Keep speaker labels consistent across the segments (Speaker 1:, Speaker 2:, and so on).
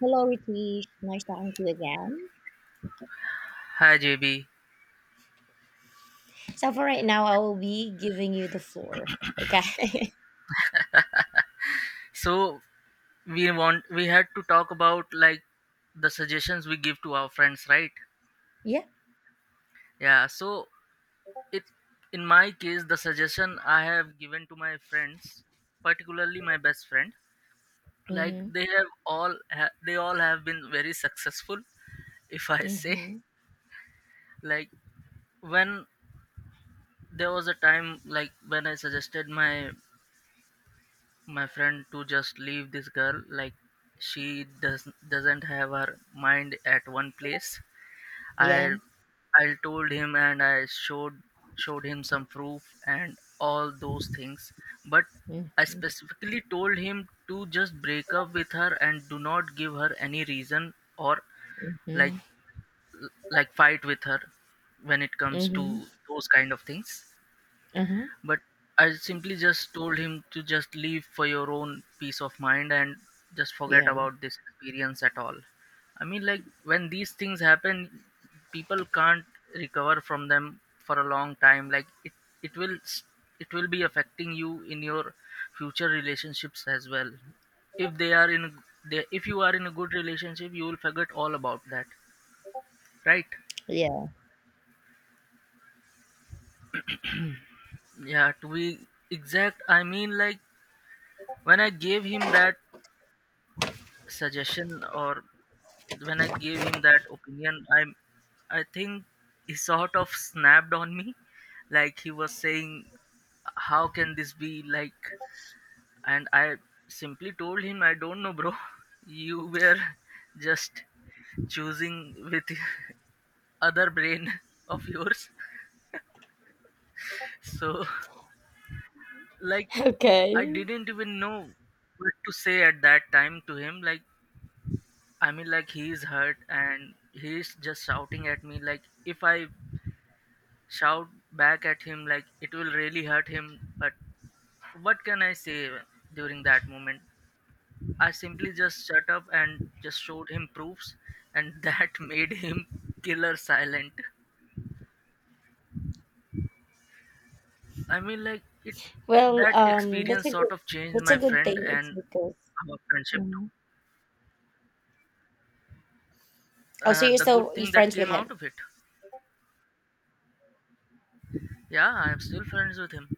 Speaker 1: Hello, Ritesh. Nice talking to you again.
Speaker 2: Hi JB.
Speaker 1: So for right now, I will be giving you the floor. Okay.
Speaker 2: So we had to talk about, like, the suggestions we give to our friends, right?
Speaker 1: yeah.
Speaker 2: Yeah. So it in my case the suggestion I have given to my friends, particularly my best friend, like
Speaker 1: Mm-hmm.
Speaker 2: they all have been very successful, if I say.
Speaker 1: Mm-hmm.
Speaker 2: Like when there was a time like when I suggested my friend to just leave this girl, like she doesn't have her mind at one place. i
Speaker 1: Yeah.
Speaker 2: i told him and I showed him some proof and all those things, but I
Speaker 1: Mm-hmm.
Speaker 2: specifically told him to just break up with her and do not give her any reason or, like,
Speaker 1: Mm-hmm.
Speaker 2: fight with her when it comes
Speaker 1: Mm-hmm.
Speaker 2: to those kind of things.
Speaker 1: Uh-huh.
Speaker 2: But I simply just told him to just leave for your own peace of mind and just forget
Speaker 1: Yeah.
Speaker 2: about this experience at all. I mean, like, when these things happen, people can't recover from them for a long time. Like it will, s- it will be affecting you in your future relationships as well. If they are in, a- g- they, If you are in a good relationship, you will forget all about that, right?
Speaker 1: Yeah.
Speaker 2: Yeah, to be exact, I mean, like when I gave him that suggestion, or when I gave him that opinion, I think he sort of snapped on me, like he was saying, "How can this be like?" And I simply told him, "I don't know, bro. You were just choosing with other brain of yours." So, like, I
Speaker 1: Okay.
Speaker 2: didn't even know what to say at that time to him. Like, I mean, like he is hurt and he is just shouting at me. Like if I shout back at him, like it will really hurt him, but what can I say during that moment? I simply just shut up and just showed him proofs, and that made him killer silent. I mean, like it that
Speaker 1: That's
Speaker 2: experience
Speaker 1: a
Speaker 2: sort
Speaker 1: good
Speaker 2: of changed
Speaker 1: that's a
Speaker 2: my
Speaker 1: good
Speaker 2: friend
Speaker 1: thing. It's
Speaker 2: and
Speaker 1: because
Speaker 2: our friendship too.
Speaker 1: mhm. Oh, so you're
Speaker 2: The good
Speaker 1: still you're
Speaker 2: thing that
Speaker 1: friends with
Speaker 2: came out
Speaker 1: him.
Speaker 2: of it, yeah, I'm still friends with him.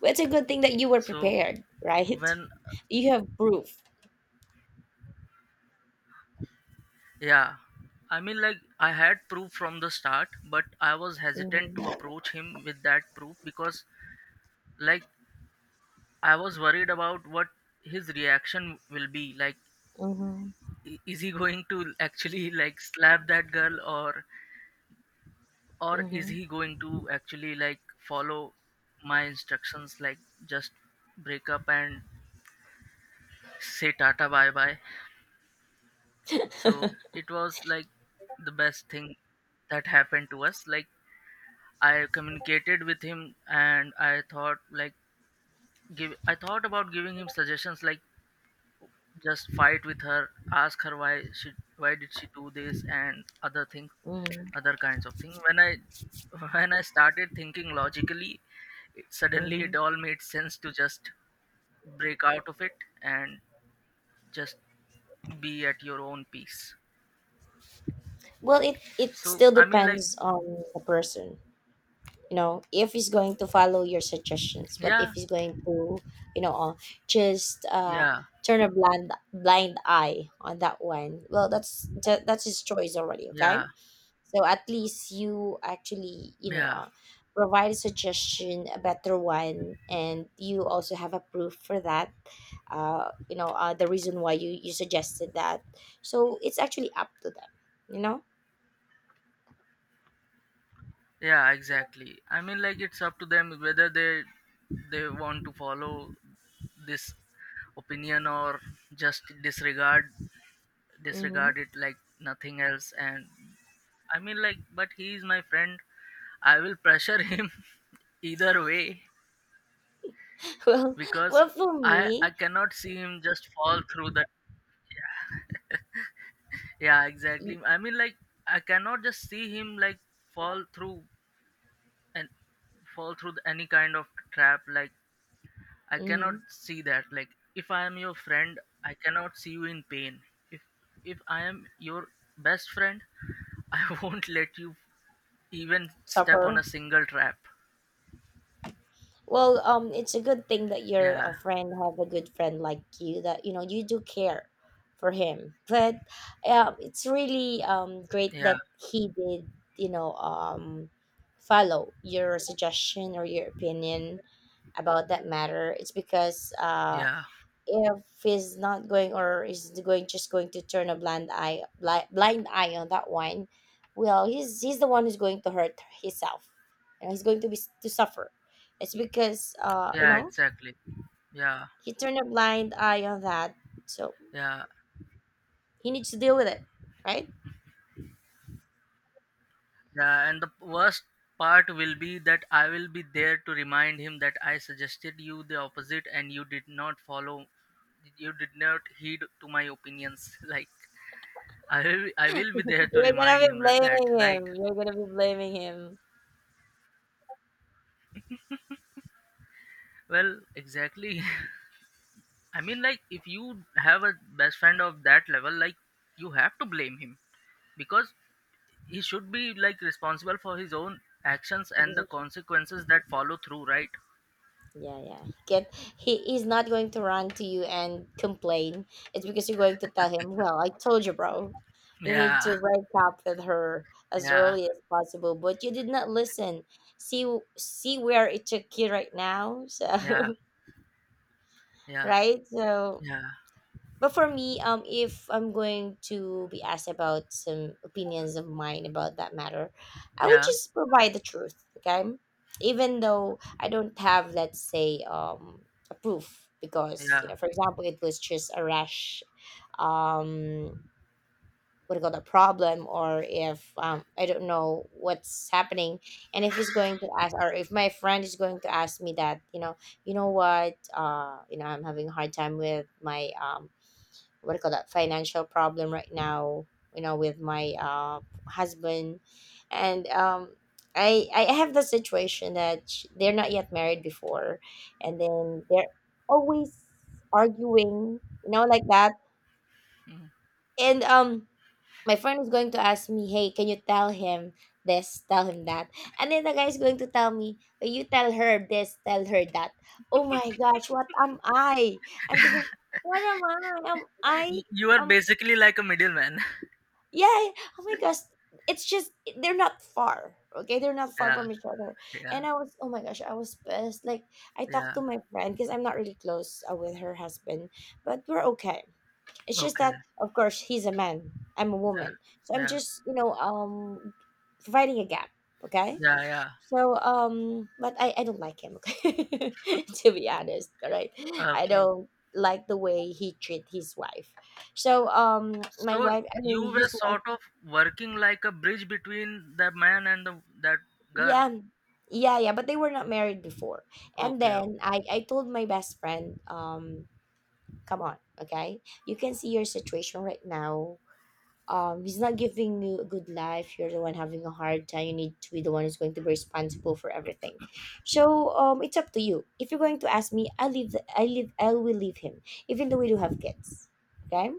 Speaker 1: Well, it's a good thing that you were
Speaker 2: So
Speaker 1: prepared, right?
Speaker 2: when
Speaker 1: You have proof.
Speaker 2: yeah, I mean, like, I had proof from the start, but I was hesitant to
Speaker 1: Mm-hmm.
Speaker 2: approach him with that proof because, like, I was worried about what his reaction will be. Like,
Speaker 1: Mm-hmm.
Speaker 2: is he going to actually, like, slap that girl or is he
Speaker 1: Mm-hmm.
Speaker 2: going to actually, like, follow my instructions, like, just break up and say tata bye bye? So, it was, like, the best thing that happened to us. Like, I communicated with him, and I thought like give I thought about giving him suggestions like just fight with her, ask her why did she do this and other kinds of things. When I when I started thinking logically, suddenly it
Speaker 1: Mm-hmm.
Speaker 2: all made sense to just break out of it and just be at your own peace.
Speaker 1: Well, it
Speaker 2: So
Speaker 1: still
Speaker 2: I mean, like,
Speaker 1: depends on the person. You know, if he's going to follow your suggestions, but
Speaker 2: yeah,
Speaker 1: if he's going to, you know, just
Speaker 2: yeah,
Speaker 1: turn a blind eye on that one, well, that's his choice already.
Speaker 2: yeah,
Speaker 1: Okay, so at least you actually, you know,
Speaker 2: yeah.
Speaker 1: provide a suggestion, a better one, and you also have a proof for that. You know, the reason why you suggested that. So it's actually up to them. You know.
Speaker 2: Yeah, exactly, I mean, like it's up to them whether they want to follow this opinion or just disregard
Speaker 1: Mm-hmm.
Speaker 2: it like nothing else. And I mean, like, but he is my friend. I will pressure him either way,
Speaker 1: Well,
Speaker 2: because
Speaker 1: well, for
Speaker 2: I
Speaker 1: me,
Speaker 2: cannot see him just fall through that. Yeah, exactly,
Speaker 1: y-
Speaker 2: I mean, like I cannot just see him like fall through and fall through any kind of trap. Like I cannot
Speaker 1: mm,
Speaker 2: see that. Like, if I am your friend, I cannot see you in pain. If if I am your best friend, I won't let you even step on
Speaker 1: supper.
Speaker 2: a single trap.
Speaker 1: It's a good thing that your
Speaker 2: Yeah,
Speaker 1: a friend have a good friend like you that you know you do care for him. But it's really great
Speaker 2: yeah,
Speaker 1: that he did you know follow your suggestion or your opinion about that matter. It's because
Speaker 2: yeah,
Speaker 1: if he's not going or is going just going to turn a blind eye on that one, well he's the one who's going to hurt himself, and he's going to be to suffer. It's because you
Speaker 2: yeah.
Speaker 1: know
Speaker 2: Exactly. Yeah,
Speaker 1: he turned a blind eye on that, so
Speaker 2: yeah,
Speaker 1: he needs to deal with it, right?
Speaker 2: yeah. And the worst part will be that I will be there to remind him that I suggested you the opposite, and you did not follow. You did not heed to my opinions. Like I will be there to remind him that, right?
Speaker 1: Giving him.
Speaker 2: Well, exactly. I mean, like, if you have a best friend of that level, like, you have to blame him because he should be, like, responsible for his own actions and the consequences that follow through, right?
Speaker 1: Yeah, yeah. He can he's not going to run to you and complain. It's because you're going to tell him, well, I told you, bro, you need
Speaker 2: Yeah,
Speaker 1: to break up with her as
Speaker 2: yeah,
Speaker 1: early as possible, but you did not listen. See See where it took you right now.
Speaker 2: yeah,
Speaker 1: So
Speaker 2: yeah,
Speaker 1: right? So
Speaker 2: yeah,
Speaker 1: but for me, if I'm going to be asked about some opinions of mine about that matter, I would
Speaker 2: yeah,
Speaker 1: just provide the truth, okay? Even though I don't have, let's say, a proof, because you
Speaker 2: yeah.
Speaker 1: know, for example, it was just a rash, um, what do you call the problem, or if I don't know what's happening, and if he's going to ask, or if my friend is going to ask me that, you know what, you know, I'm having a hard time with my what do you call that financial problem right now, you know, with my husband, and I have the situation that they're not yet married before, and then they're always arguing, you know, like that.
Speaker 2: Mm.
Speaker 1: And my friend is going to ask me, hey, can you tell him this, tell him that? And then the guy is going to tell me, "Oh, you tell her this, tell her that." Oh my gosh, what am I, I'm thinking, what am I, am I
Speaker 2: You are
Speaker 1: am
Speaker 2: basically like a middleman.
Speaker 1: Yeah. Oh my gosh. It's just they're not far. Okay, they're not far
Speaker 2: Yeah,
Speaker 1: from each other.
Speaker 2: yeah,
Speaker 1: And I was, oh my gosh, I was pissed. Like I
Speaker 2: yeah.
Speaker 1: talked to my friend because I'm not really close with her husband, but we're okay. It's just
Speaker 2: Okay.
Speaker 1: that of course he's a man. I'm a
Speaker 2: Yeah,
Speaker 1: woman. So I'm
Speaker 2: yeah,
Speaker 1: just, you know, providing a gap, okay?
Speaker 2: yeah, yeah.
Speaker 1: So but I don't like him, okay? To be honest, all right? I
Speaker 2: Okay.
Speaker 1: don't like the way he treat his wife. So my
Speaker 2: So
Speaker 1: wife, I mean
Speaker 2: you were
Speaker 1: his wife.
Speaker 2: sort of working like a bridge between that man and that girl.
Speaker 1: Yeah. Yeah, yeah, but they were not married before. And
Speaker 2: Okay,
Speaker 1: then I told my best friend, come on, okay? You can see your situation right now. He's not giving you a good life. You're the one having a hard time. You need to be the one who's going to be responsible for everything. So, it's up to you. If you're going to ask me, I leave. I will leave him, even though we do have kids. Okay.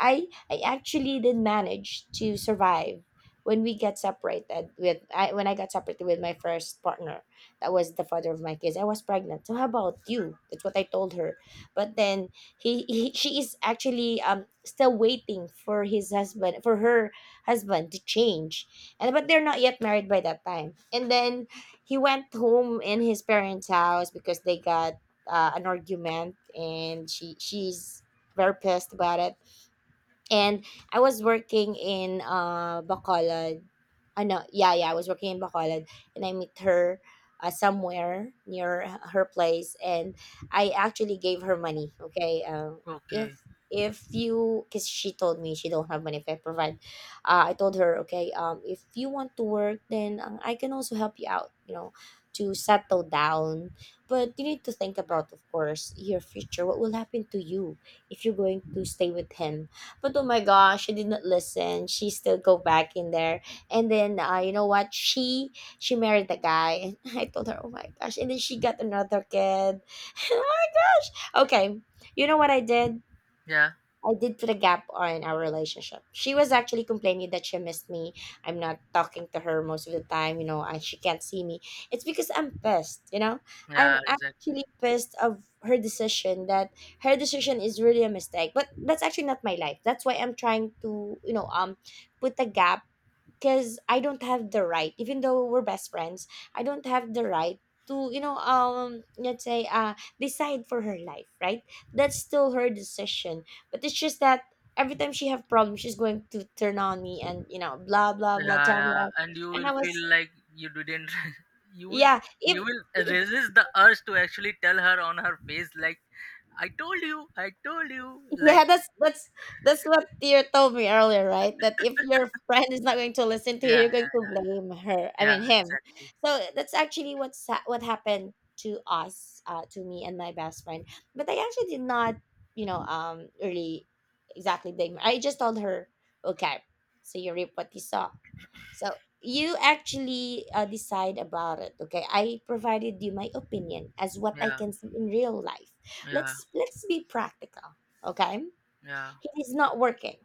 Speaker 1: I actually did manage to survive when we get separated with I when I got separated with my first partner, that was the father of my kids. I was pregnant, so how about you? That's what I told her. But then he she is actually still waiting for his husband for her husband to change, and but they're not yet married by that time. And then he went home in his parents house because they got an argument, and she's very pissed about it. And I was working in Bacolod. Ano, yeah, yeah, I was working in Bacolod, and I meet her somewhere near her place, and I actually gave her money, okay? If
Speaker 2: okay,
Speaker 1: if you, cuz she told me she don't have money if I provide. I told her, okay, if you want to work, then I can also help you out, you know, to settle down. But you need to think about of course your future. What will happen to you if you're going to stay with him? But oh my gosh, she did not listen. She still go back in there. And then you know what? She married the guy. And I told her, oh my gosh. And then she got another kid. Oh my gosh. Okay. You know what I did?
Speaker 2: yeah,
Speaker 1: I did put a gap on our relationship. She was actually complaining that she missed me. I'm not talking to her most of the time, you know, and she can't see me. It's because I'm pissed, you know. I'm
Speaker 2: yeah, exactly.
Speaker 1: actually pissed of her decision, that her decision is really a mistake. But that's actually not my life. That's why I'm trying to, you know, put a gap, because I don't have the right, even though we're best friends, I don't have the right to, you know, decide for her life, right? That's still her decision. But it's just that every time she have problems, she's going to turn on me and you know, blah blah blah,
Speaker 2: Yeah,
Speaker 1: tell me
Speaker 2: yeah,
Speaker 1: all.
Speaker 2: and you
Speaker 1: And
Speaker 2: will
Speaker 1: I
Speaker 2: feel
Speaker 1: was,
Speaker 2: like you didn't. you will,
Speaker 1: yeah, if
Speaker 2: you will resist the urge to actually tell her on her face, like, I told you, like,
Speaker 1: Yeah, that's that's what you told me earlier, right? That if your friend is not going to listen to you,
Speaker 2: yeah,
Speaker 1: you're going to blame her. I
Speaker 2: yeah,
Speaker 1: mean him.
Speaker 2: exactly,
Speaker 1: So that's actually what happened to us, to me and my best friend. But I actually did not, you know, really exactly blame her. I just told her, okay, so you reap what you sow. So you actually decide about it. Okay, I provided you my opinion as what I
Speaker 2: yeah,
Speaker 1: can see in real life.
Speaker 2: yeah,
Speaker 1: Let's be practical. Okay.
Speaker 2: yeah.
Speaker 1: He's not working.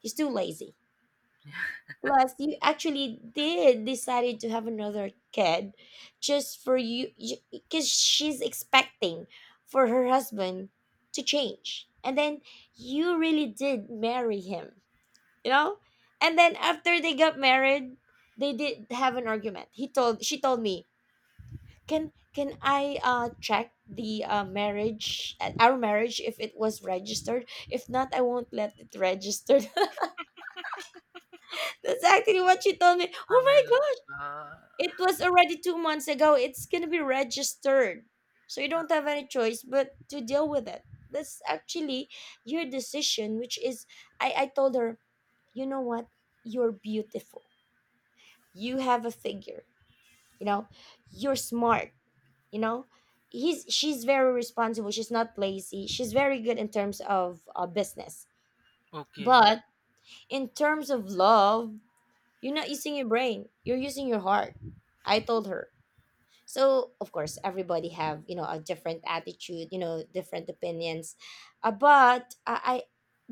Speaker 1: He's too lazy. Plus, you actually did decided to have another kid just for you because she's expecting for her husband to change. And then you really did marry him, you know? And then after they got married, they did have an argument. He told She told me, Can I check the marriage our marriage if it was registered? If not, I won't let it register." That's actually what she told me.
Speaker 2: I
Speaker 1: Oh
Speaker 2: mean,
Speaker 1: my gosh,
Speaker 2: uh,
Speaker 1: it was already 2 months ago. It's gonna be registered, so you don't have any choice but to deal with it. That's actually your decision, which is I told her, you know what? You're beautiful. You have a figure, you know, you're smart, you know. He's She's very responsible, she's not lazy, she's very good in terms of business.
Speaker 2: okay,
Speaker 1: But in terms of love, you're not using your brain. You're using your heart. I told her. So of course everybody have, you know, a different attitude, you know, different opinions. I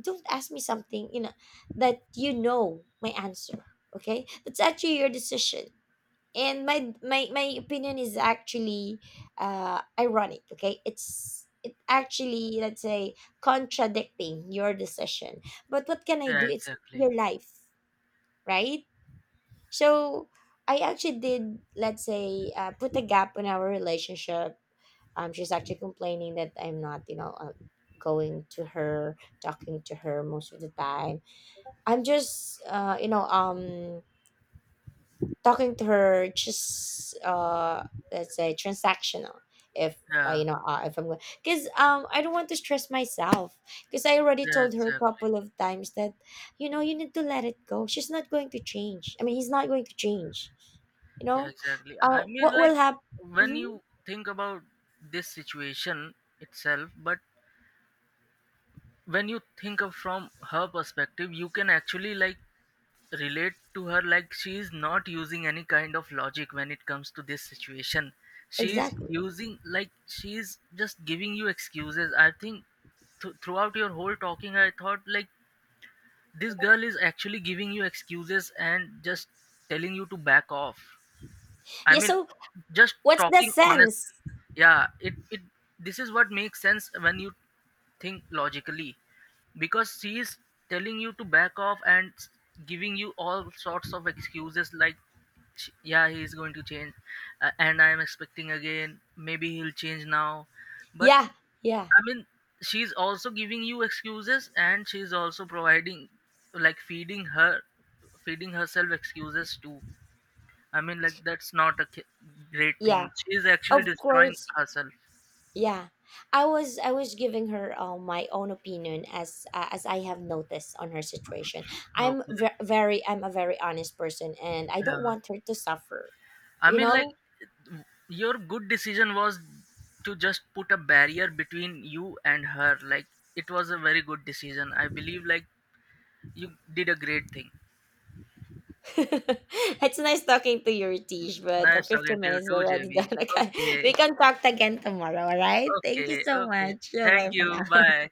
Speaker 1: don't ask me something, you know, that you know my answer. Okay? That's actually your decision. And my opinion is actually ironic, okay? It's it actually, let's say, contradicting your decision. But what can I
Speaker 2: yeah,
Speaker 1: do? It's
Speaker 2: exactly,
Speaker 1: your life, right? So I actually did, let's say, put a gap in our relationship. She's actually complaining that I'm not, you know, going to her, talking to her most of the time. I'm just, you know, talking to her just let's say transactional if
Speaker 2: yeah,
Speaker 1: you know, if I'm going, because I don't want to stress myself, because I already
Speaker 2: yeah,
Speaker 1: told her a
Speaker 2: exactly.
Speaker 1: couple of times that you know you need to let it go, she's not going to change, I mean he's not going to change, you
Speaker 2: Yeah,
Speaker 1: know.
Speaker 2: exactly.
Speaker 1: Uh,
Speaker 2: I mean,
Speaker 1: what
Speaker 2: like
Speaker 1: will happen
Speaker 2: when you think about this situation itself, but when you think of from her perspective, you can actually, like, relate to her. Like she is not using any kind of logic when it comes to this situation. She is
Speaker 1: exactly,
Speaker 2: using, like, she is just giving you excuses. I think throughout your whole talking, I thought like this girl is actually giving you excuses and just telling you to back off. I
Speaker 1: yeah,
Speaker 2: mean,
Speaker 1: so
Speaker 2: just
Speaker 1: what's the
Speaker 2: talking honestly.
Speaker 1: sense,
Speaker 2: Yeah, it this is what makes sense when you think logically, because she is telling you to back off and giving you all sorts of excuses like, sh yeah, he is going to change, and I am expecting again. Maybe he'll change now, but
Speaker 1: yeah, yeah,
Speaker 2: I mean, she's also giving you excuses, and she's also providing, like, feeding herself excuses too. I mean, like that's not a great thing.
Speaker 1: yeah,
Speaker 2: She's actually
Speaker 1: of
Speaker 2: destroying
Speaker 1: course.
Speaker 2: herself.
Speaker 1: Yeah, I was giving her my own opinion as I have noticed on her situation. I'm
Speaker 2: Okay.
Speaker 1: very, I'm a very honest person, and I
Speaker 2: Yeah.
Speaker 1: don't want her to suffer.
Speaker 2: I
Speaker 1: You
Speaker 2: mean, like
Speaker 1: know,
Speaker 2: your good decision was to just put a barrier between you and her. Like it was a very good decision. I believe like you did a great thing.
Speaker 1: it's nice talking to you, Tish, but the
Speaker 2: Nice talking
Speaker 1: 15
Speaker 2: to you
Speaker 1: minutes
Speaker 2: too,
Speaker 1: already done.
Speaker 2: JV.
Speaker 1: Okay, we
Speaker 2: Okay.
Speaker 1: can talk again tomorrow. All right. Thank you
Speaker 2: Okay.
Speaker 1: so
Speaker 2: Okay.
Speaker 1: much.
Speaker 2: Thank
Speaker 1: Bye for
Speaker 2: you.
Speaker 1: now.
Speaker 2: Bye.